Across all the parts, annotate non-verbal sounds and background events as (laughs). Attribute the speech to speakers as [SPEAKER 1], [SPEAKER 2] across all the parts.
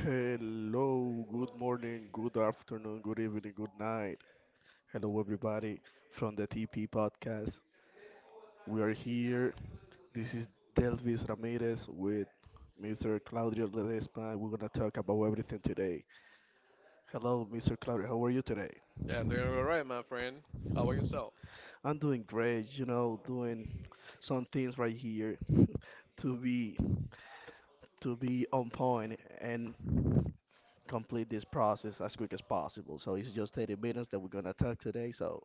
[SPEAKER 1] Hello, good morning, good afternoon, good evening, good night. Hello, everybody from the TP podcast. We are here. This is Delvis Ramirez with Mr. Claudio Ledesma. We're going to talk about everything today. Hello, Mr. Claudio. How are you today?
[SPEAKER 2] I doing all right, my friend. How about yourself?
[SPEAKER 1] I'm doing great, you know, doing some things right here (laughs) to be to be on point and complete this process as quick as possible. So it's just 30 minutes that we're gonna talk today. So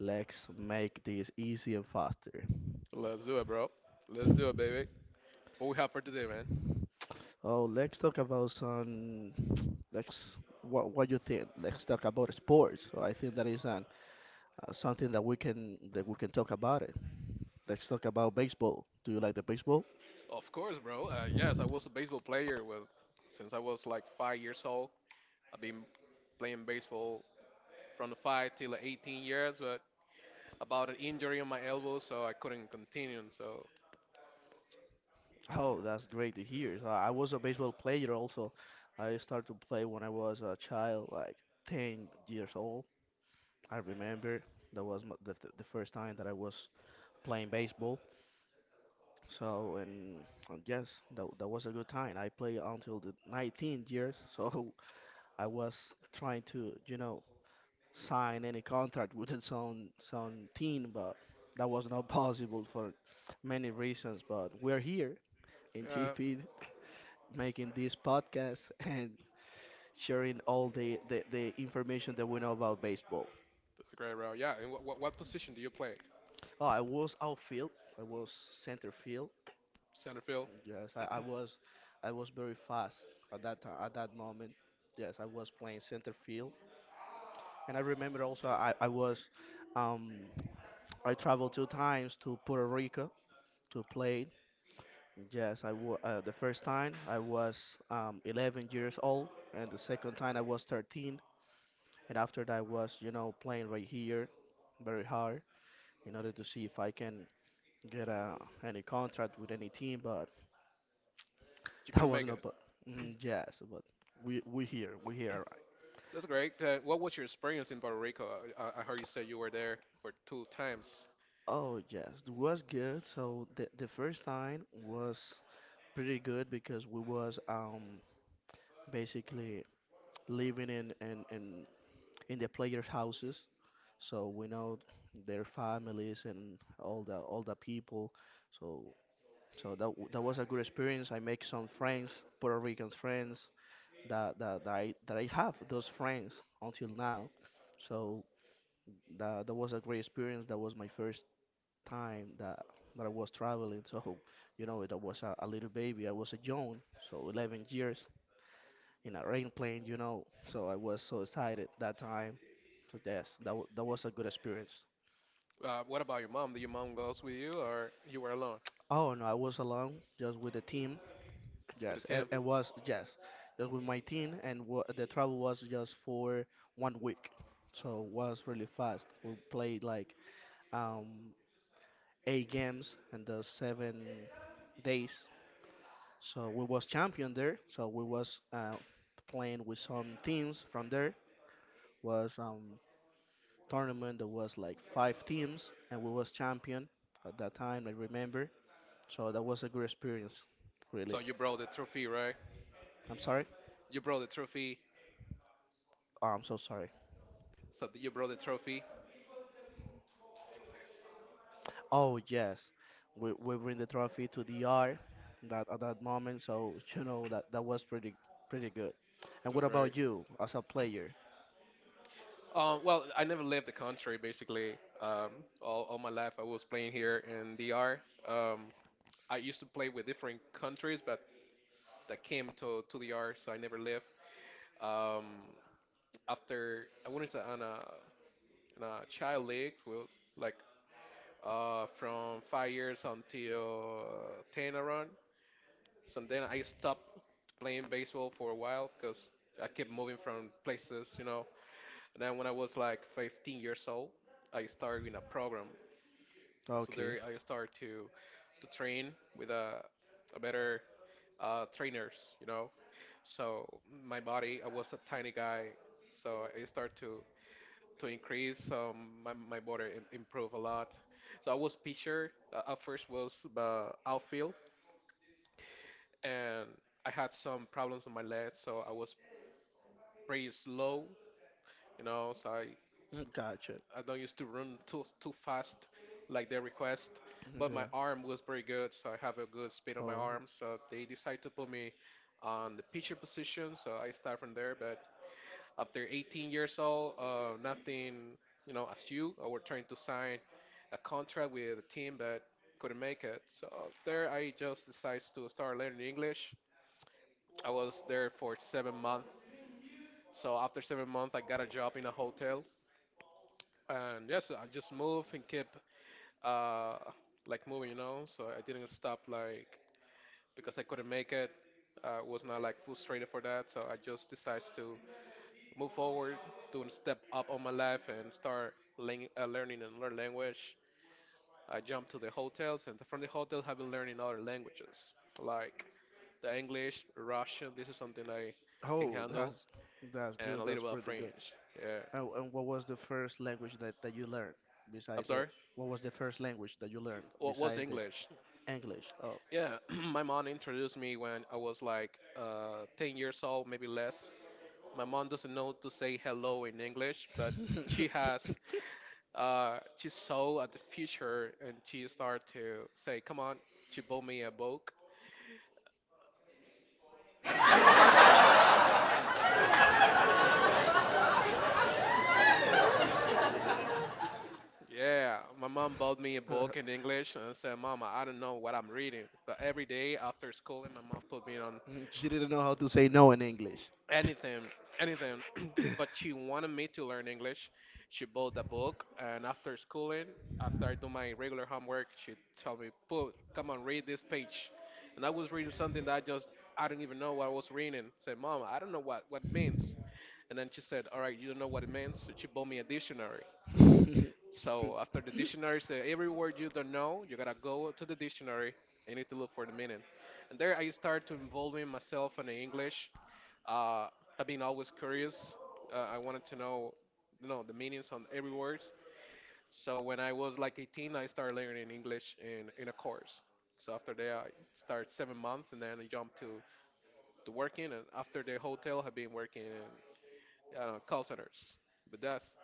[SPEAKER 1] let's make this easy and faster.
[SPEAKER 2] Let's do it, bro. Let's do it, baby. What we have for today, man?
[SPEAKER 1] Oh, let's talk about some. (tsk) Let's what you think? Let's talk about sports. So I think that is an something that we can talk about it. Let's talk about baseball. Do you like the baseball?
[SPEAKER 2] Of course, bro. Yes, I was a baseball player since I was like 5 years old. I've been playing baseball from the five till the 18 years, but about an injury on my elbow, so I couldn't continue. So,
[SPEAKER 1] Oh, that's great to hear. So I was a baseball player also. I started to play when I was a child, like 10 years old. I remember that was my, the first time that I was playing baseball. So and yes, that was a good time. I played until the 19 years, so (laughs) I was trying to, you know, sign any contract with its own some team, but that was not (laughs) possible for many reasons. But we're here in
[SPEAKER 2] yeah,
[SPEAKER 1] TP making this podcast (laughs) and sharing all the information that we know about baseball.
[SPEAKER 2] that's great, bro. Yeah, and what position do you play?
[SPEAKER 1] Oh, I was outfield. I was center field.
[SPEAKER 2] Center field?
[SPEAKER 1] Yes, I was very fast at that time. At that moment, yes, I was playing center field. And I remember also I was, um, I traveled two times to Puerto Rico to play. Yes, I wa the first time I was 11 years old, and the second time I was 13. And after that, I was, you know, playing right here, very hard, in order to see if I can get any contract with any team, but (laughs)
[SPEAKER 2] You
[SPEAKER 1] that
[SPEAKER 2] couldn't make
[SPEAKER 1] wasn't a
[SPEAKER 2] it.
[SPEAKER 1] but. Mm, yes, but we here. Right?
[SPEAKER 2] That's great. What was your experience in Puerto Rico? I heard you say you were there for two times.
[SPEAKER 1] Oh yes, it was good. So the first time was pretty good because we was basically living in the players' houses, so we know their families and all the people. So so that was a good experience. I make some friends, Puerto Rican friends, that I have those friends until now. So that that was a great experience. That was my first time that I was traveling. So you know, it was a little baby. I was a young, so 11 years in a airplane. You know, so I was so excited that time. So yes, that was a good experience.
[SPEAKER 2] What about your mom? Did your mom goes with you, or you were alone
[SPEAKER 1] Oh no, I was alone, just with the team.
[SPEAKER 2] with the
[SPEAKER 1] Yes, and
[SPEAKER 2] team?
[SPEAKER 1] it was yes, just with my team, and wa the travel was just for one week, so it was really fast. We played like um, eight games in the seven days, so we was champion there. So we was playing with some teams from there. Was tournament that was like five teams, and we was champion at that time. I remember, so that was a good experience, really.
[SPEAKER 2] So you brought the trophy, right?
[SPEAKER 1] I'm sorry.
[SPEAKER 2] You brought the trophy.
[SPEAKER 1] Oh, I'm so sorry.
[SPEAKER 2] So you brought the trophy.
[SPEAKER 1] Oh yes, we bring the trophy to the yard that at that moment. So (laughs) you know that that was pretty good. And
[SPEAKER 2] That's
[SPEAKER 1] what
[SPEAKER 2] great.
[SPEAKER 1] about you as a player?
[SPEAKER 2] Well, I never left the country. Basically, um, all my life I was playing here in DR. Um, I used to play with different countries, but that came to DR, so I never left. Um, After I went into a child league, well, like from 5 years until ten around. So then I stopped playing baseball for a while because I kept moving from places, you know. And then when I was like 15 years old, I started in a program. So
[SPEAKER 1] Okay.
[SPEAKER 2] there I started to train with a better trainers, you know. So my body, I was a tiny guy, so I started to increase. So my improved a lot. So I was pitcher. At first was outfield, and I had some problems on my leg, so I was pretty slow, you know, so I,
[SPEAKER 1] Mm, gotcha.
[SPEAKER 2] I don't used to run too fast like they request.
[SPEAKER 1] Mhm.
[SPEAKER 2] But my
[SPEAKER 1] Yeah.
[SPEAKER 2] arm was pretty good, so I have a good speed on my
[SPEAKER 1] Oh,
[SPEAKER 2] arm. So they decide to put me on the pitcher position, so I start from there. But after 18 years old, nothing, you know, as you, I were trying to sign a contract with a team, but couldn't make it. So there, I just decided to start learning English. I was there for 7 months. So after 7 months, I got a job in a hotel. And yes, I just move and keep uh like moving, you know. So I didn't stop like because I couldn't make it. I was not like frustrated for that. So I just decided to move forward, doing step up on my life and start learning another language. I jumped to the hotels, and from the hotels, I've been learning other languages like the English, Russian. This is something I can
[SPEAKER 1] oh,
[SPEAKER 2] handle,
[SPEAKER 1] that's that's
[SPEAKER 2] and
[SPEAKER 1] good.
[SPEAKER 2] a
[SPEAKER 1] That's
[SPEAKER 2] little bit of
[SPEAKER 1] pretty good.
[SPEAKER 2] French. Yeah,
[SPEAKER 1] Oh, and what was the first language that you learned
[SPEAKER 2] I'm
[SPEAKER 1] besides the
[SPEAKER 2] sorry.
[SPEAKER 1] what was the first language that you learned
[SPEAKER 2] What was
[SPEAKER 1] besides the
[SPEAKER 2] English?
[SPEAKER 1] English? Oh,
[SPEAKER 2] Yeah, (clears throat) my mom introduced me when I was like 10 years old, maybe less. My mom doesn't know to say hello in English, but she has, she saw at the future and she started to say, come on, she bought me a book. Yeah, my mom bought me a book in English and said, Mama, I don't know what I'm reading. But every day after school, and my mom put me on
[SPEAKER 1] (laughs) she didn't know how to say no in English.
[SPEAKER 2] anything, anything. (clears throat) But she wanted me to learn English. She bought a book, and after schooling, after I do my regular homework, she told me, "Put, come on, read this page." And I was reading something that I do not even know what I was reading. Said, "Mom, I don't know what it means." And then she said, "All right, you don't know what it means." So she bought me a dictionary.
[SPEAKER 1] (laughs)
[SPEAKER 2] So after the dictionary said, "Every word you don't know, you gotta go to the dictionary. You need to look for the meaning." And there I started to involving myself in the English. uh, I've been always curious. I wanted to know, you know, the meanings on every words. So when I was like 18, I started learning English in a course. So after that, I started 7 months, and then I jumped to working. And after the hotel, I've been working in call centers. But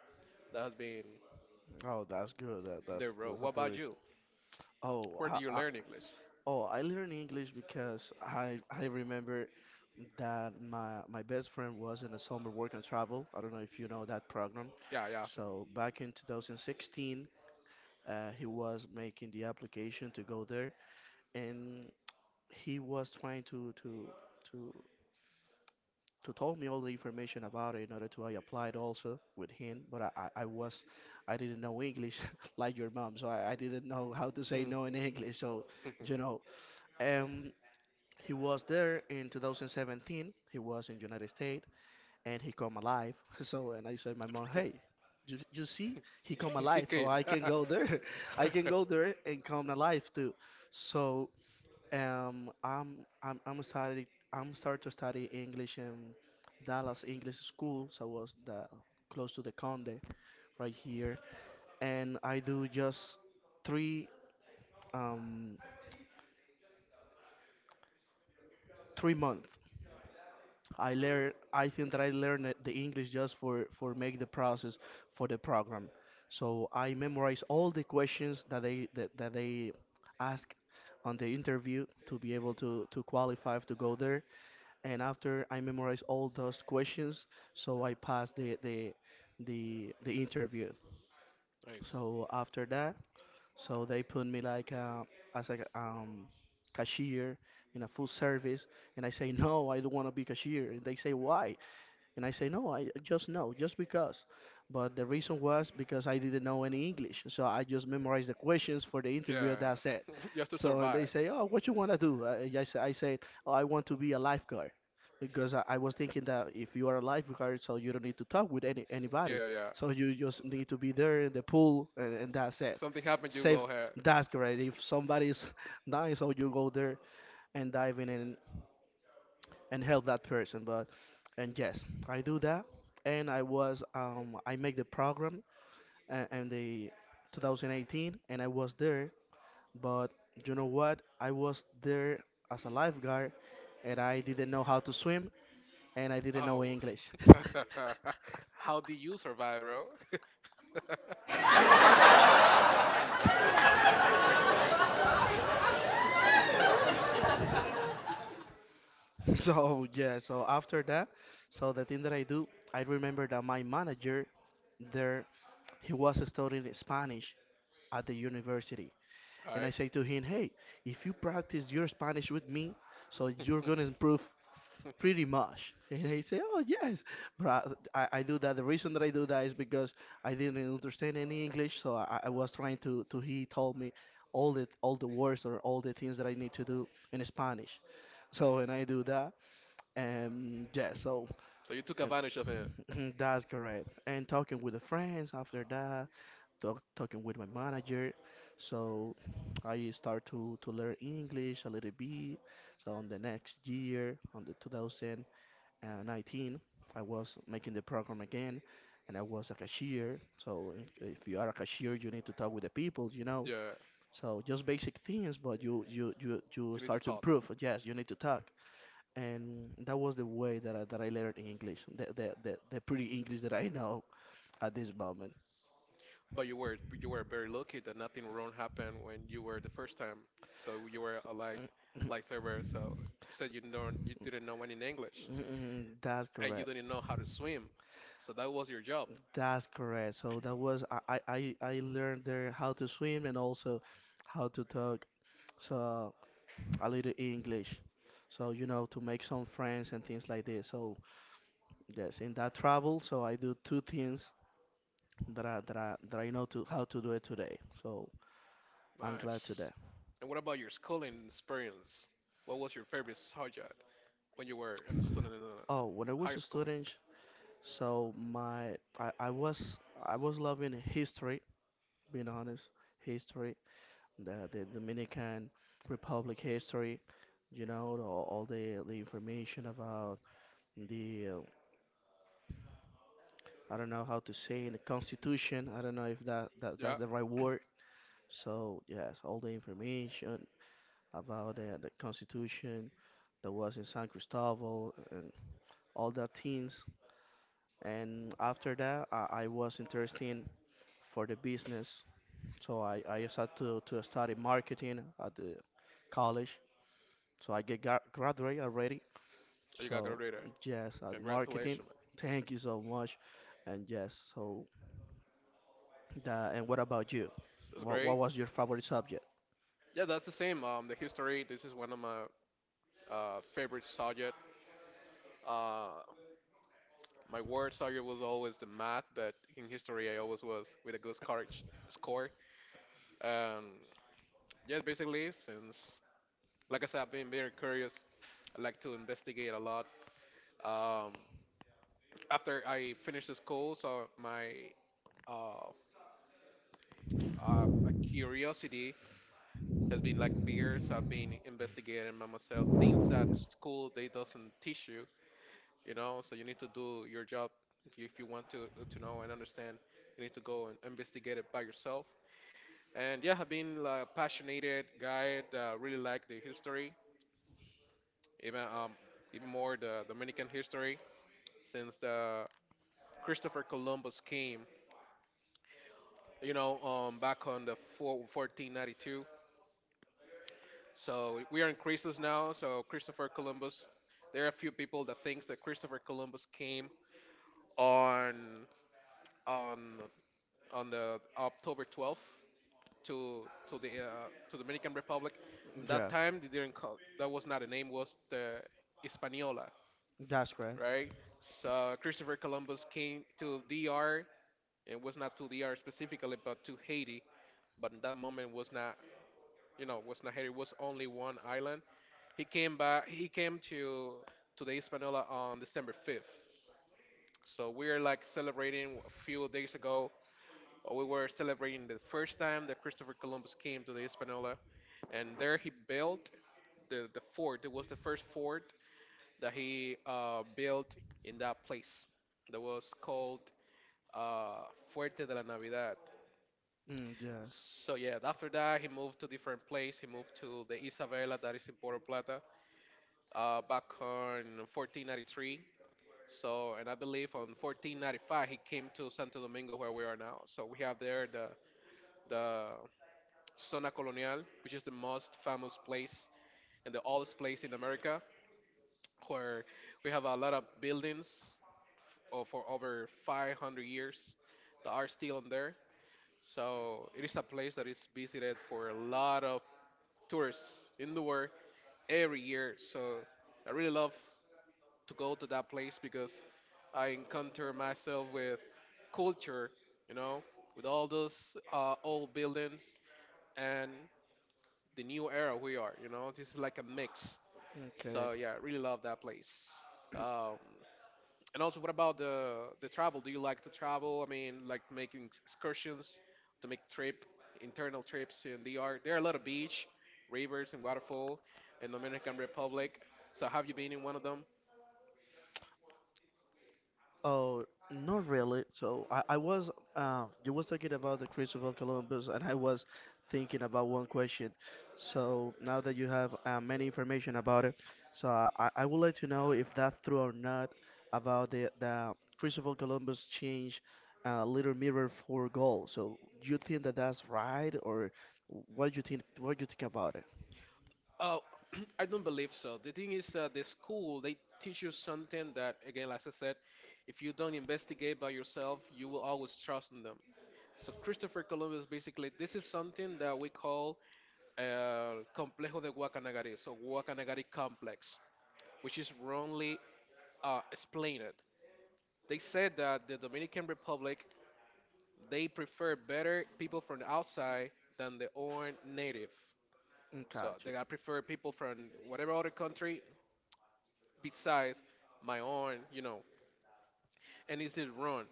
[SPEAKER 2] that has been
[SPEAKER 1] Oh, that's good.
[SPEAKER 2] the road.
[SPEAKER 1] That's a
[SPEAKER 2] What about
[SPEAKER 1] pretty.
[SPEAKER 2] you?
[SPEAKER 1] Oh,
[SPEAKER 2] Where
[SPEAKER 1] I,
[SPEAKER 2] do you
[SPEAKER 1] I,
[SPEAKER 2] learn English?
[SPEAKER 1] oh, I learned English because I remember that my best friend was in a summer work and travel. I don't know if you know that program.
[SPEAKER 2] Yeah, yeah.
[SPEAKER 1] So back in 2016, he was making the application to go there, and he was trying to to to to tell me all the information about it in order to I applied also with him, but I was I didn't know English (laughs) like your mom, so I didn't know how to say no in (laughs)
[SPEAKER 2] (laughs)
[SPEAKER 1] English. So you know, um, he was there in 2017. He was in United States and he come alive. (laughs) So and I said my mom, hey. You see, he come
[SPEAKER 2] He
[SPEAKER 1] alive. Oh,
[SPEAKER 2] came.
[SPEAKER 1] I
[SPEAKER 2] (laughs)
[SPEAKER 1] can go there. (laughs) I can go there and come alive too. So um, I'm I'm I'm study I'm start to study English in Dallas English School, so I was the close to the Conde right here, and I do just three um three months. I think that I the English just for make the process for the program. So I memorize all the questions that they ask on the interview to be able to qualify to go there, and after I memorized all those questions, so I passed the interview.
[SPEAKER 2] Nice.
[SPEAKER 1] So after that, so they put me like as a cashier in a full service, and I say (laughs) no, I don't want to be cashier. And they say why? And I say, no, I just know, just because. But the reason was because I didn't know any English. So I just memorized the questions for the interview,
[SPEAKER 2] Yeah,
[SPEAKER 1] that's it.
[SPEAKER 2] yeah. (laughs) Just to
[SPEAKER 1] So, and they
[SPEAKER 2] survive.
[SPEAKER 1] say, oh, what you want to do? I said, oh, I want to be a lifeguard. Because I was thinking that if you are a lifeguard, so you don't need to talk with anybody.
[SPEAKER 2] Yeah, yeah.
[SPEAKER 1] So you just need to be there in the pool, and that's
[SPEAKER 2] If
[SPEAKER 1] it.
[SPEAKER 2] something happened, you go
[SPEAKER 1] Save,
[SPEAKER 2] ahead.
[SPEAKER 1] that's correct. If somebody's (laughs) dying, so you go there and dive in. And help that person, but and yes I do that, and I was I make the program in the 2018, and I was there. But you know what, I was there as a lifeguard, and I didn't know how to swim, and I didn't know
[SPEAKER 2] Oh.
[SPEAKER 1] English.
[SPEAKER 2] (laughs)
[SPEAKER 1] (laughs)
[SPEAKER 2] How do you survive, bro? (laughs)
[SPEAKER 1] So yeah, so after that, so the thing that I do, I remember that my manager there, he was studying Spanish at the university.
[SPEAKER 2] All
[SPEAKER 1] And
[SPEAKER 2] right.
[SPEAKER 1] I say to him, hey, if you practice your Spanish with me, so you're going to improve pretty much. And he say, oh, yes. But I do that. The reason that I do that is because I didn't understand any English. So I was trying to, he told me all all the words or all the things that I need to do in Spanish. So, and I do that. Yeah, so
[SPEAKER 2] So you took advantage of him.
[SPEAKER 1] and (laughs) (clears throat) that's correct. And talking with the friends after that, talking with my manager. So I start to learn English a little bit. So on the next year, on the 2019, I was making the program again, and I was a cashier. So if you are a cashier, you need to talk with the people, you know.
[SPEAKER 2] Yeah.
[SPEAKER 1] So just basic things, but you
[SPEAKER 2] You need to
[SPEAKER 1] start to
[SPEAKER 2] talk.
[SPEAKER 1] improve. Yes, you need to talk, and that was the way that that I learned English, the pretty English that I know at this moment.
[SPEAKER 2] But you were very lucky that nothing wrong happened when you were the first time. So you were a light
[SPEAKER 1] Mm,
[SPEAKER 2] light server. So you said you didn't know any English
[SPEAKER 1] That's
[SPEAKER 2] and you
[SPEAKER 1] correct.
[SPEAKER 2] didn't know how to swim. So that was your job.
[SPEAKER 1] That's correct. So that was I learned there how to swim and also how to talk, so a little English. So, you know, to make some friends and things like this. So yes, in that travel, so I do two things that I know to how to do it today. So I'm glad to
[SPEAKER 2] Nice.
[SPEAKER 1] that.
[SPEAKER 2] And what about your schooling experience? What was your favorite subject when you were a student in
[SPEAKER 1] Oh, when I was
[SPEAKER 2] high
[SPEAKER 1] a
[SPEAKER 2] school?
[SPEAKER 1] student, so I was loving history, being honest, history, the Dominican Republic history, you know, the- all the information about the I don't know how to say the Constitution. I don't know if that's
[SPEAKER 2] Yeah.
[SPEAKER 1] the right word. So yes, all the information about the Constitution that was in San Cristobal, and all the things. And after that, I was interested for the business. So I started to study marketing at the college. So I graduate already.
[SPEAKER 2] You got
[SPEAKER 1] So
[SPEAKER 2] graduated.
[SPEAKER 1] yes, at marketing.
[SPEAKER 2] Congratulations, man.
[SPEAKER 1] (laughs) Thank you so much. And yes, so that, and what about you?
[SPEAKER 2] That's
[SPEAKER 1] What
[SPEAKER 2] great.
[SPEAKER 1] was your favorite subject?
[SPEAKER 2] Yeah, that's the same. The history. This is one of my favorite subject. Uh, my worst subject was always the math, but in history, I always was with a good courage score. Um, yeah, basically, since like I said, I've been very curious. I like to investigate a lot. Um, After I finished the school, so uh, my curiosity has been like bigger. So I've been investigating by myself things that the school they doesn't teach you, you know, so you need to do your job if if you want to know and understand, you need to go and investigate it by yourself. And yeah, I've been like a passionate guy that really like the history, even um even more the Dominican history since the Christopher Columbus came, you know, back on the 1492. So we are in crisis now. So Christopher Columbus, there are a few people that thinks that Christopher Columbus came on on on the October 12th to to the to Dominican Republic. At that
[SPEAKER 1] Yeah,
[SPEAKER 2] time, they didn't call that, was not a name, was the Hispaniola,
[SPEAKER 1] that's great.
[SPEAKER 2] right? So Christopher Columbus came to DR. It was not to DR specifically, but to Haiti. But in that moment, was not, you know, was not Haiti. Was only one island. He came back. He came to the Hispaniola on December 5th. So we're like celebrating a few days ago. We were celebrating the first time that Christopher Columbus came to the Hispaniola, and there he built the fort. It was the first fort that he built in that place. That was called uh, Fuerte de la Navidad.
[SPEAKER 1] Mm, yes.
[SPEAKER 2] So yeah, after that he moved to different place. He moved to the Isabela that is in Puerto Plata, back on 1493. So and I believe on 1495 he came to Santo Domingo where we are now. So we have there the Zona Colonial, which is the most famous place and the oldest place in America where we have a lot of buildings or for over 500 years that are still in there. So it is a place that is visited for a lot of tourists in the world every year. So I really love to go to that place because I encounter myself with culture, you know, with all those old buildings and the new era we are, you know, this is like a mix. So
[SPEAKER 1] Okay.
[SPEAKER 2] yeah, I really love that place. Um, And also, what about the travel? Do you like to travel? I mean, like making excursions to make trip, internal trips in DR. There are a lot of beach, rivers, and waterfall in Dominican Republic. So, have you been in one of them?
[SPEAKER 1] Oh, not really. So I was you was talking about the Christopher Columbus, and I was thinking about one question. So now that you have many information about it, so I would like to know if that's true or not about the Christopher Columbus changed Little Mirror for gold. So you think that that's right, or what do you think? What do you think about it?
[SPEAKER 2] Oh, (clears throat) I don't believe so. The thing is, the school they teach you something that, again, as I said, if you don't investigate by yourself, you will always trust in them. So Christopher Columbus, basically, this is something that we call Complejo de Guacanagari, so Guacanagari Complex, which is wrongly explained. They said that the Dominican Republic, they prefer better people from the outside than their own native.
[SPEAKER 1] Mm.
[SPEAKER 2] So they, I prefer people from whatever other country besides my own, you know. And this is wrong.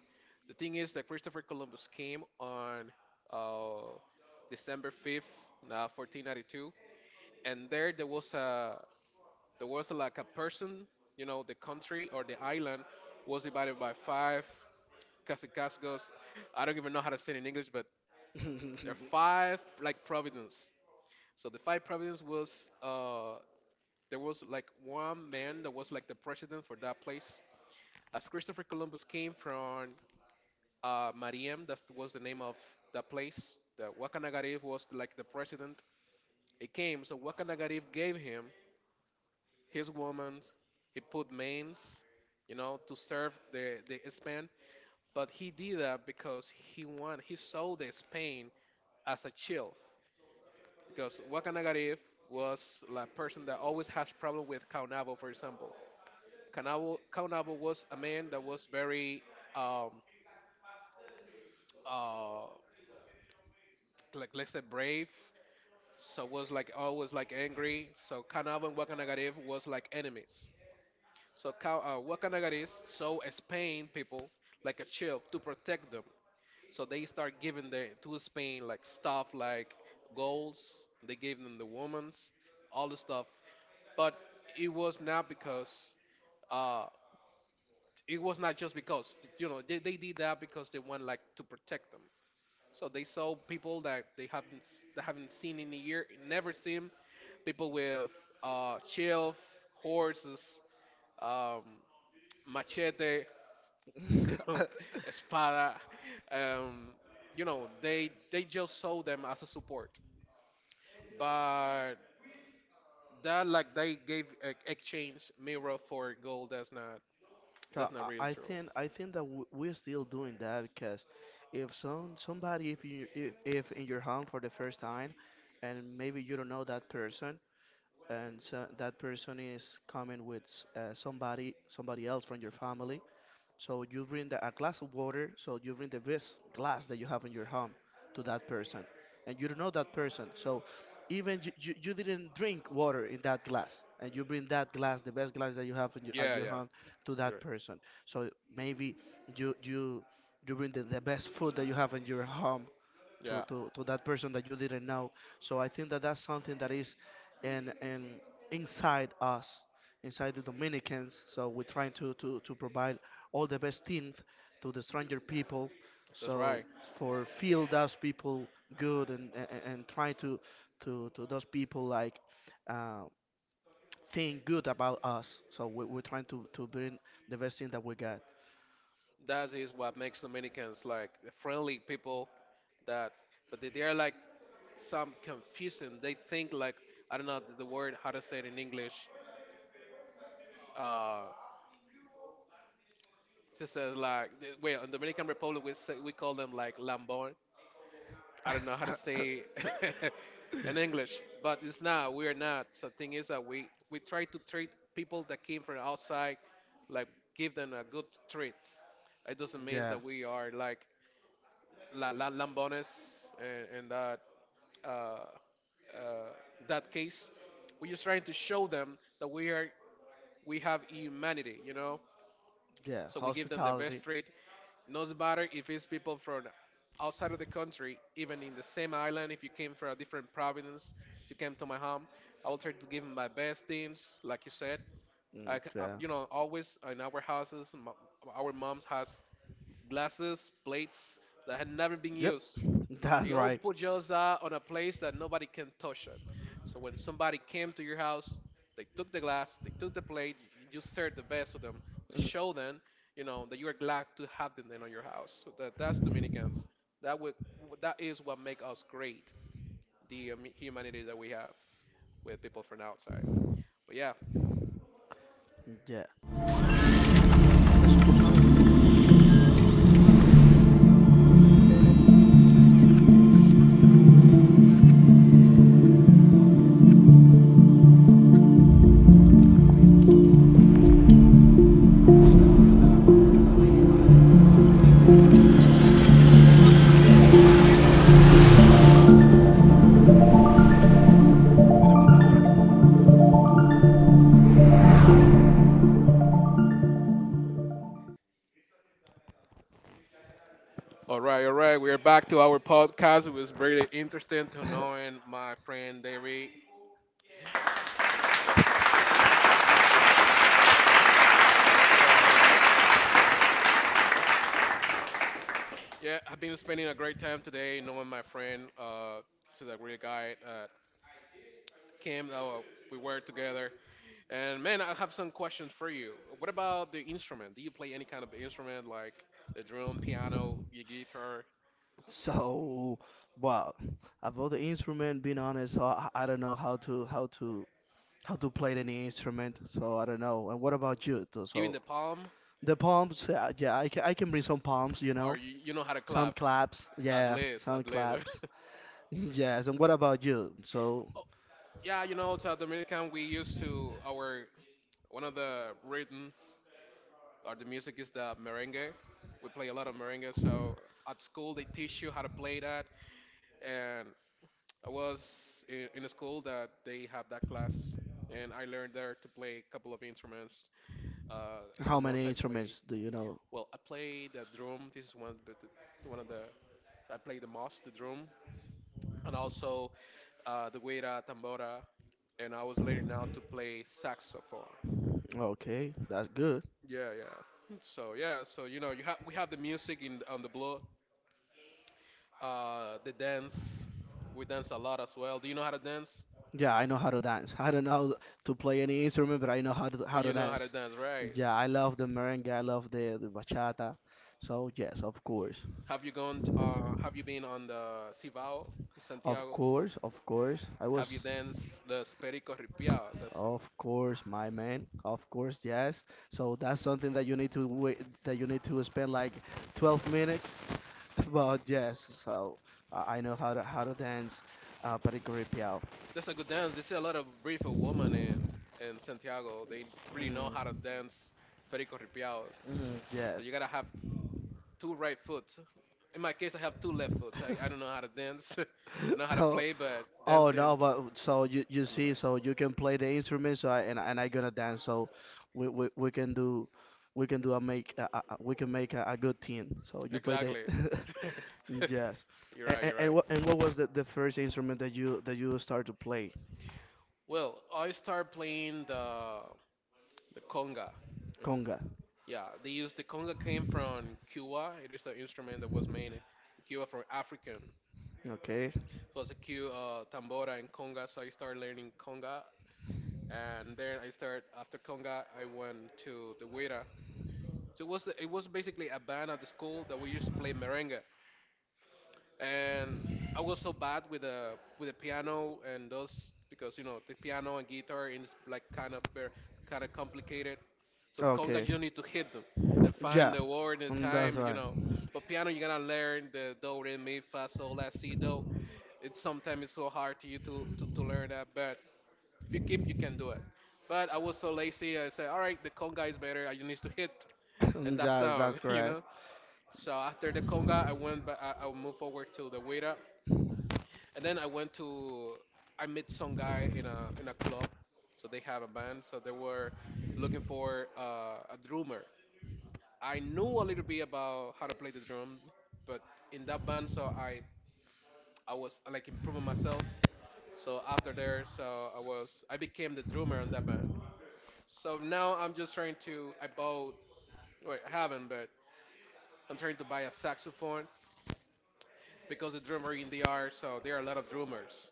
[SPEAKER 2] The thing is that Christopher Columbus came on uh, December 5th, 1492, and there was a there was like a person, you know, the country or the island was divided by five Casicasgos. I don't even know how to say it in English, but there are
[SPEAKER 1] Gotcha.
[SPEAKER 2] five like providence. So the five providence was there was like one man that was like the president for that place. As Christopher Columbus came from Mariam, that was the name of that place. The Wakanagarif was like the president. He came, so Wakanagarif gave him his woman. He put mains, to serve the Spain. But he did that because he won. He saw the Spain as a child because Waka Nagarif was the person that always has problem with Kaunabo, for example. Kaunabo was a man that was very, um, uh, like let's say brave, so was like always like angry. So Kaunabo and Waka Nagarif was like enemies. So Waka saw Spain people like a chief to protect them. So they start giving the to Spain like stuff like goals. They gave them the women's, all the stuff, but it was not because uh it was not just because they did that because they want like to protect them. So they saw people that they haven't seen in a year, never seen people with shelf, horses, um machete, (laughs) you know
[SPEAKER 1] (laughs) (laughs)
[SPEAKER 2] espada, um they just saw them as a support. But that, like, they gave exchange mirror for gold.
[SPEAKER 1] So
[SPEAKER 2] That's not real
[SPEAKER 1] I, I
[SPEAKER 2] true.
[SPEAKER 1] think I think that we're still doing that because if somebody, if you, if in your home for the first time and maybe you don't know that person, and so that person is coming with somebody, else from your family, so you bring a glass of water, so you bring the best glass that you have in your home to that person. And you don't know that person, so even you didn't drink water in that glass, and you bring that glass, the best glass that you have at
[SPEAKER 2] Yeah,
[SPEAKER 1] your
[SPEAKER 2] yeah.
[SPEAKER 1] home to
[SPEAKER 2] you
[SPEAKER 1] that person. So maybe you you you bring the best food that you have in your home
[SPEAKER 2] Yeah,
[SPEAKER 1] to that person that you didn't know. So I think that that's something that is in inside us, inside the Dominicans. So we're trying to provide all the best things to the stranger people.
[SPEAKER 2] that's
[SPEAKER 1] So
[SPEAKER 2] right.
[SPEAKER 1] for feel those people good, and try to those people like uh, think good about us. So we're trying to bring the best thing that we got.
[SPEAKER 2] That is what makes Dominicans, like, the friendly people that, but they are like some confusing. They think like, I don't know the word, how to say it in English. Uh, just says like, well, in Dominican Republic, we call them like lambón. I don't know how to say (laughs) in English, but it's not, we are not. So thing is that we
[SPEAKER 1] (laughs)
[SPEAKER 2] try to treat people that came from outside, like give them a good treat. It doesn't mean
[SPEAKER 1] Yeah,
[SPEAKER 2] that we are like La Lambones, and that, uh, uh, that case. We're just trying to show them that we have humanity.
[SPEAKER 1] yeah,
[SPEAKER 2] So we give them the
[SPEAKER 1] hospitality.
[SPEAKER 2] best treat. No matter if it's people from outside of the country, even in the same island. If you came from a different province, if you came to my home, I will try to give them my best things, like you said.
[SPEAKER 1] Mm,
[SPEAKER 2] I, c-
[SPEAKER 1] yeah.
[SPEAKER 2] you know, Always in our houses, our moms has glasses, plates that had never been
[SPEAKER 1] Yep.
[SPEAKER 2] used.
[SPEAKER 1] (laughs) That's
[SPEAKER 2] The old
[SPEAKER 1] right.
[SPEAKER 2] pujosa on a place that nobody can touch it. So when somebody came to your house, they took the glass, they took the plate, you served the best of them to show them, that you are glad to have them then on your house. So that's Dominicans. That would that is what make us great, the humanity that we have with people from outside. But yeah.
[SPEAKER 1] Mm. Ya. Eso tú sabes, ese corte hay que meterlo. Es un anuncio. ¿De qué vamos a hablar ahora? ¿Del instrumento? ¿Tú tocas instrumento, eh? ¿Pero cómo que se dice instrumento? Ok. Pregúntame a mí entonces si yo toco algún instrumento. Entonces después yo te hago la pregunta a ti y vaina, y cómo tú aprendiste, y para allá. Nada más nos quedan siete minutos. Ya en en ese tiempo ya nosotros acabamos. (laughs) Claro.
[SPEAKER 2] All right, all right. We are back to our podcast. It was really interesting to knowing my friend David. There you go, homie. Yeah, I've been spending a great time today knowing my friend. This is a great guy, Kim. We work together. And man, I have some questions for you. What about the instrument? Do you play any kind of instrument like the drum, piano, the guitar,
[SPEAKER 1] So, well, about the instrument, being honest, I don't know how to play any instrument. So I don't know. And what about you? Too?
[SPEAKER 2] even
[SPEAKER 1] So
[SPEAKER 2] the palm?
[SPEAKER 1] the palms, yeah, I can bring some palms, you
[SPEAKER 2] Or
[SPEAKER 1] know,
[SPEAKER 2] you know how to
[SPEAKER 1] some
[SPEAKER 2] clap?
[SPEAKER 1] claps,
[SPEAKER 2] At
[SPEAKER 1] yeah,
[SPEAKER 2] least,
[SPEAKER 1] some
[SPEAKER 2] at least. (laughs)
[SPEAKER 1] claps. (laughs) Yes. And what about you? So
[SPEAKER 2] Oh, yeah, South American, we used to our one of the rhythms or the music is the merengue. We play a lot of merengue, so at school they teach you how to play that, and I was in a school that they have that class, and I learned there to play a couple of instruments. Uh, the
[SPEAKER 1] how
[SPEAKER 2] most
[SPEAKER 1] many
[SPEAKER 2] I play,
[SPEAKER 1] instruments do you know?
[SPEAKER 2] well, I play the drum. This is one of the I play the most, the drum, and also the güira, tambora, and I was learning now to play saxophone.
[SPEAKER 1] Okay, that's good.
[SPEAKER 2] Yeah, yeah. So yeah, so you have we have the music in on the blood, the dance. We dance a lot as well. Do you know how to dance?
[SPEAKER 1] Yeah, I know how to dance. I don't know to play any instrument, but I know how
[SPEAKER 2] But
[SPEAKER 1] to
[SPEAKER 2] you know how
[SPEAKER 1] dance.
[SPEAKER 2] to dance, right?
[SPEAKER 1] Yeah, I love the merengue. I love the bachata. So yes, of course,
[SPEAKER 2] Have you gone? Have you been on the Cibao,
[SPEAKER 1] of
[SPEAKER 2] Santiago?
[SPEAKER 1] course, of course. I
[SPEAKER 2] Have
[SPEAKER 1] was,
[SPEAKER 2] you danced the Perico Ripiao?
[SPEAKER 1] of course, my man. Of course, yes. So that's something that you need to wait. That you need to spend like 12 minutes. (laughs) But yes, so I know how to dance, Patrick Piao.
[SPEAKER 2] That's a good dance. They see a lot of briefer women in Santiago. They really know how to
[SPEAKER 1] Mm,
[SPEAKER 2] dance Perico Ripiao.
[SPEAKER 1] mm,
[SPEAKER 2] So you
[SPEAKER 1] yes.
[SPEAKER 2] gotta have two right foot. In my case, I have two left foot. I don't know how to dance. (laughs) I know
[SPEAKER 1] (laughs)
[SPEAKER 2] how to
[SPEAKER 1] Oh,
[SPEAKER 2] play, but
[SPEAKER 1] oh
[SPEAKER 2] dancing,
[SPEAKER 1] no, but so you
[SPEAKER 2] I'm a
[SPEAKER 1] see,
[SPEAKER 2] mess.
[SPEAKER 1] so you can play the instrument, so I, and I- and I gonna dance, so we can do, we can do a make we can make a good team. So you play the.
[SPEAKER 2] Exactly. (laughs)
[SPEAKER 1] (laughs) Yes.
[SPEAKER 2] You're right.
[SPEAKER 1] And
[SPEAKER 2] You're right.
[SPEAKER 1] and what was the first instrument that you start to play?
[SPEAKER 2] Well, I started playing the conga.
[SPEAKER 1] Conga.
[SPEAKER 2] Yeah, they use the conga came from Cuba. It is an instrument that was made in Cuba from African.
[SPEAKER 1] Okay.
[SPEAKER 2] So it's a Cu tambora and conga. So I started learning conga, and then I started after conga. I went to the Huira. So it was basically a band at the school that we used to play merengue, and I was so bad with the piano and those, because the piano and guitar is like kind of very kind of complicated. So the conga,
[SPEAKER 1] Okay.
[SPEAKER 2] you don't need to hit them and find
[SPEAKER 1] Yeah.
[SPEAKER 2] the word and the
[SPEAKER 1] Mm, that's
[SPEAKER 2] time, you
[SPEAKER 1] right.
[SPEAKER 2] know. But piano, you're gonna learn the do, re, mi, fa, sol, la, si, do. It's Sometimes it's so hard to you to learn that, but if you keep, you can do it. But I was so lazy. I said, all right, the conga is better. I just need to hit
[SPEAKER 1] (laughs)
[SPEAKER 2] and that sound,
[SPEAKER 1] That's
[SPEAKER 2] (laughs).
[SPEAKER 1] correct.
[SPEAKER 2] So after the conga, I went, but I moved forward to the guira, and then I went to. I met some guy in a club, so they have a band. So they were looking for a drummer. I knew a little bit about how to play the drum, but in that band, so I was like improving myself. So after there, so I became the drummer on that band. So now I'm just trying to, I bought, wait, I haven't, but I'm trying to buy a saxophone, because the drummer in the art, so there are a lot of drummers.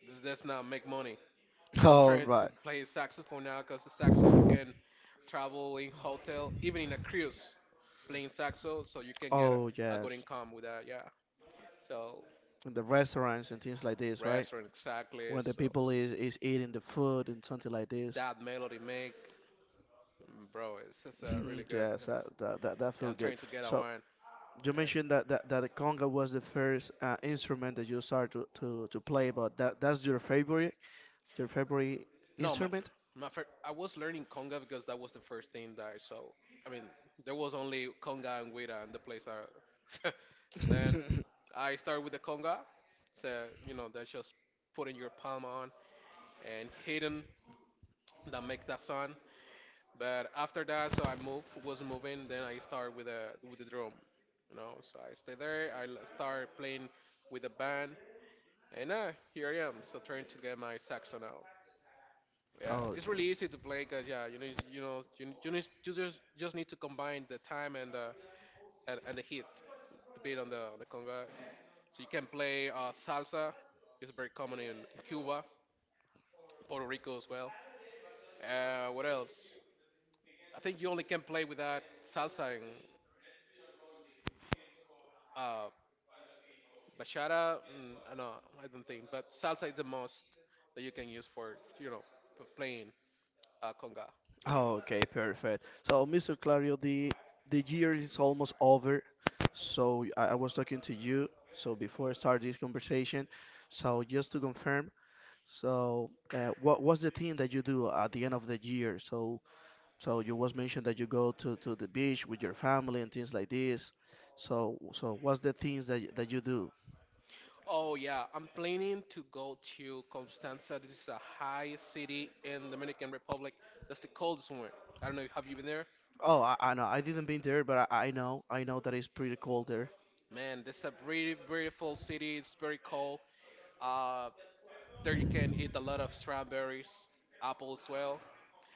[SPEAKER 2] This does not make money.
[SPEAKER 1] (laughs)
[SPEAKER 2] So I'm
[SPEAKER 1] All
[SPEAKER 2] trying to
[SPEAKER 1] right.
[SPEAKER 2] play saxophone now because the saxo you can travel in hotel, even in a cruise, playing saxo, so you can get
[SPEAKER 1] Oh
[SPEAKER 2] a
[SPEAKER 1] yes.
[SPEAKER 2] good income with that. Yeah. So
[SPEAKER 1] In the restaurants and things like this, right?
[SPEAKER 2] restaurant, exactly.
[SPEAKER 1] When the
[SPEAKER 2] So
[SPEAKER 1] people is eating the food and something like this.
[SPEAKER 2] that melody make, bro, it's
[SPEAKER 1] (laughs)
[SPEAKER 2] just really
[SPEAKER 1] (clears throat)
[SPEAKER 2] good.
[SPEAKER 1] Yes,
[SPEAKER 2] Nice.
[SPEAKER 1] that
[SPEAKER 2] Yeah,
[SPEAKER 1] feel
[SPEAKER 2] I'm
[SPEAKER 1] good.
[SPEAKER 2] trying to get a
[SPEAKER 1] So
[SPEAKER 2] one.
[SPEAKER 1] you
[SPEAKER 2] And
[SPEAKER 1] mentioned that that the conga was the first instrument that you started to play, but that that's your favorite, your favorite
[SPEAKER 2] no, my f-
[SPEAKER 1] instrument?
[SPEAKER 2] my fir- I was learning conga because that was the first thing that I saw. I mean, there was only conga and guira in the place. (laughs) Then I started with the conga. So that's just putting your palm on and hitting that make that sound. But after that, so was moving. Then I started with the drum. So I stay there. Start playing with a band, and here I am. So trying to get my saxophone out. Yeah,
[SPEAKER 1] Oh,
[SPEAKER 2] it's
[SPEAKER 1] okay.
[SPEAKER 2] really easy to play because yeah, you need, you just need to combine the time and and the hit, the beat on the conga. So you can play salsa. It's very common in Cuba, Puerto Rico as well. What else? I think you only can play with that salsa in uh, Bachata, I know, I don't think, but salsa is the most that you can use for, playing conga.
[SPEAKER 1] Oh, okay, perfect. So, Mr. Clario, the year is almost over. So I was talking to you. So before I start this conversation, so just to confirm, so what was the thing that you do at the end of the year? So so you was mentioned that you go to the beach with your family and things like this. So so what's the things that that you do?
[SPEAKER 2] Oh yeah, I'm planning to go to Constanza. This is a high city in Dominican Republic. That's the coldest one. I don't know, have you been there?
[SPEAKER 1] Oh, I know I didn't been there, but I know that it's pretty cold there.
[SPEAKER 2] Man, that's a very beautiful city. It's very cold. Uh, there you can eat a lot of strawberries, apple as well.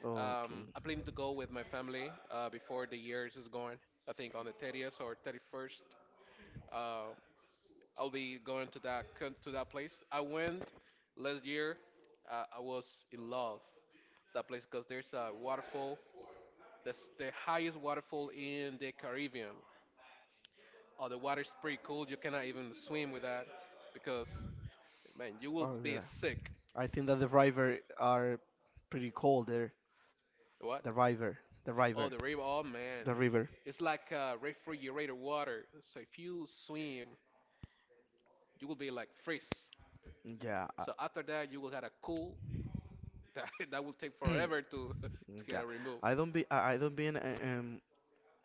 [SPEAKER 1] Okay.
[SPEAKER 2] I plan to go with my family before the year is gone. I think on the 30th or 31st. Uh, I'll be going to that to that place. I went last year. I was in love that place because there's a waterfall. That's the highest waterfall in the Caribbean. Oh, the water's pretty cold. You cannot even swim with that because man, you will
[SPEAKER 1] Oh
[SPEAKER 2] be
[SPEAKER 1] yeah.
[SPEAKER 2] sick.
[SPEAKER 1] I think that the river are pretty cold there.
[SPEAKER 2] What?
[SPEAKER 1] The river, the
[SPEAKER 2] Oh,
[SPEAKER 1] river,
[SPEAKER 2] the river. Oh, man,
[SPEAKER 1] the river.
[SPEAKER 2] it's like refrigerator water. So if you swim, you will be like freeze.
[SPEAKER 1] Yeah, I,
[SPEAKER 2] So after that, you will have a cool. (laughs) That, that will take forever to (laughs) to get
[SPEAKER 1] yeah.
[SPEAKER 2] a remove.
[SPEAKER 1] I don't been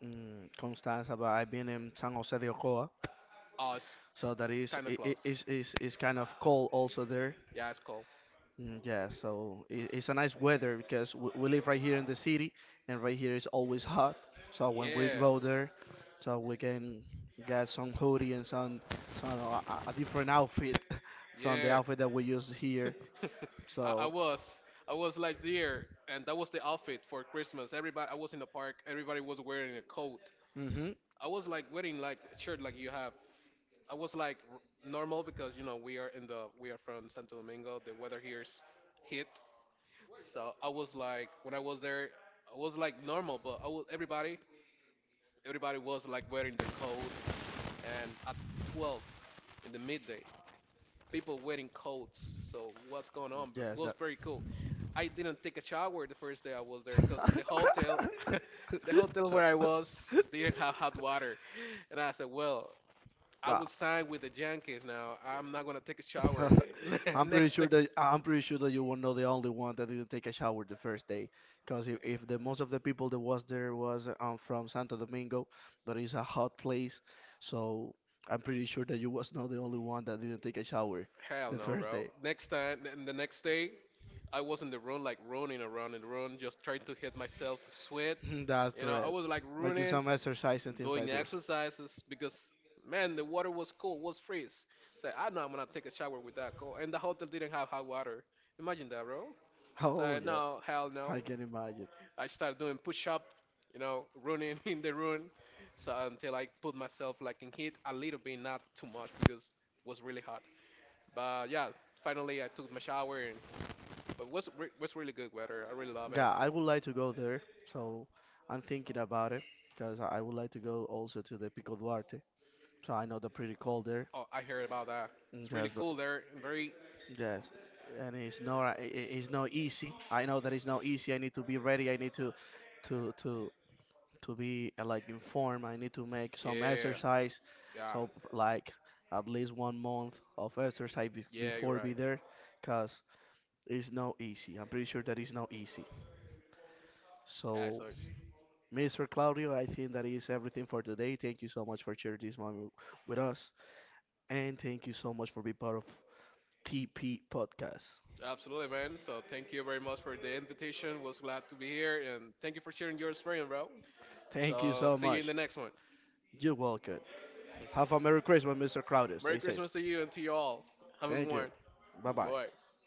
[SPEAKER 1] in Constanza, but I've been in San Jose de Ocoa.
[SPEAKER 2] Oh, it's
[SPEAKER 1] So that is
[SPEAKER 2] kind of
[SPEAKER 1] it
[SPEAKER 2] close.
[SPEAKER 1] is kind of cold also there.
[SPEAKER 2] Yeah, it's cold.
[SPEAKER 1] Mm, yeah, so it, it's a nice weather because we live right here in the city, and right here is always hot. So when we
[SPEAKER 2] Yeah,
[SPEAKER 1] go there, so we can get some hoodie and some a different outfit (laughs) from the
[SPEAKER 2] yeah.
[SPEAKER 1] outfit that we use here.
[SPEAKER 2] (laughs) I, I
[SPEAKER 1] So
[SPEAKER 2] was, I was like there, and that was the outfit for Christmas. Everybody, I was in the park. Everybody was wearing a coat.
[SPEAKER 1] hmm,
[SPEAKER 2] I was like wearing like a shirt like you have. I was like normal because we are in the we are from Santo Domingo. The weather here's hit. So I was like when I was there, I was like normal, but I was everybody was like wearing their coat. And at 12 in the midday, people wearing coats. So what's going on? But it
[SPEAKER 1] yes,
[SPEAKER 2] was
[SPEAKER 1] that.
[SPEAKER 2] very cool. I didn't take a shower the first day I was there because in the hotel, (laughs) the hotel
[SPEAKER 1] (laughs)
[SPEAKER 2] where I was didn't have hot water, and I said, well, I
[SPEAKER 1] Ah.
[SPEAKER 2] will sign with the Yankees now. I'm not gonna take a shower
[SPEAKER 1] (laughs)
[SPEAKER 2] (laughs) next day.
[SPEAKER 1] I'm pretty sure that you were not the only one that didn't take a shower the first day, because if the most of the people that was there was from Santo Domingo, that is a hot place, so I'm pretty sure that you was not the only one that didn't take a shower
[SPEAKER 2] Hell
[SPEAKER 1] the
[SPEAKER 2] no,
[SPEAKER 1] first
[SPEAKER 2] bro.
[SPEAKER 1] day.
[SPEAKER 2] Next time, and the next day, I was in the room like running around in the room, just trying to hit myself to sweat.
[SPEAKER 1] (laughs) That's
[SPEAKER 2] I
[SPEAKER 1] correct.
[SPEAKER 2] was like
[SPEAKER 1] Making
[SPEAKER 2] running
[SPEAKER 1] some exercise and things
[SPEAKER 2] doing
[SPEAKER 1] like this.
[SPEAKER 2] exercises because man, the water was cold, was freeze. So I know I'm gonna take a shower with that cold, and the hotel didn't have hot water. Imagine that, bro.
[SPEAKER 1] Oh
[SPEAKER 2] So
[SPEAKER 1] yeah,
[SPEAKER 2] no, hell no.
[SPEAKER 1] I can imagine.
[SPEAKER 2] I started doing push up, running (laughs) in the room, so until I put myself like in heat a little bit, not too much because it was really hot. But yeah, finally I took my shower and. But was was really good weather. I really love it.
[SPEAKER 1] Yeah, I would like to go there. So I'm thinking about it because I would like to go also to the Pico Duarte. So I know they're pretty cold there.
[SPEAKER 2] Oh, I heard about that.
[SPEAKER 1] Mm,
[SPEAKER 2] It's
[SPEAKER 1] yes,
[SPEAKER 2] really
[SPEAKER 1] but
[SPEAKER 2] cool there, and very,
[SPEAKER 1] yes, and it's not it's not easy. I know that it's not easy. I need to be ready. I need to to to be like informed. I need to make some
[SPEAKER 2] yeah,
[SPEAKER 1] exercise.
[SPEAKER 2] yeah,
[SPEAKER 1] So like at least 1 month of exercise
[SPEAKER 2] yeah. You're
[SPEAKER 1] before be
[SPEAKER 2] right.
[SPEAKER 1] there, cause it's not easy. I'm pretty sure that it's not easy.
[SPEAKER 2] Yeah,
[SPEAKER 1] So
[SPEAKER 2] so
[SPEAKER 1] Mr. Claudio, I think that is everything for today. Thank you so much for sharing this moment with us. And thank you so much for being part of TP Podcast.
[SPEAKER 2] absolutely, man. So thank you very much for the invitation. Was glad to be here, and thank you for sharing your experience, bro.
[SPEAKER 1] Thank you
[SPEAKER 2] So
[SPEAKER 1] so
[SPEAKER 2] see you in
[SPEAKER 1] much.
[SPEAKER 2] the next one.
[SPEAKER 1] You're welcome. Have a Merry Christmas, Mr. Claudio.
[SPEAKER 2] Merry
[SPEAKER 1] Stay safe.
[SPEAKER 2] Christmas to you and to you all. Have a good
[SPEAKER 1] Thank you.
[SPEAKER 2] one.
[SPEAKER 1] Bye bye.
[SPEAKER 2] Bye.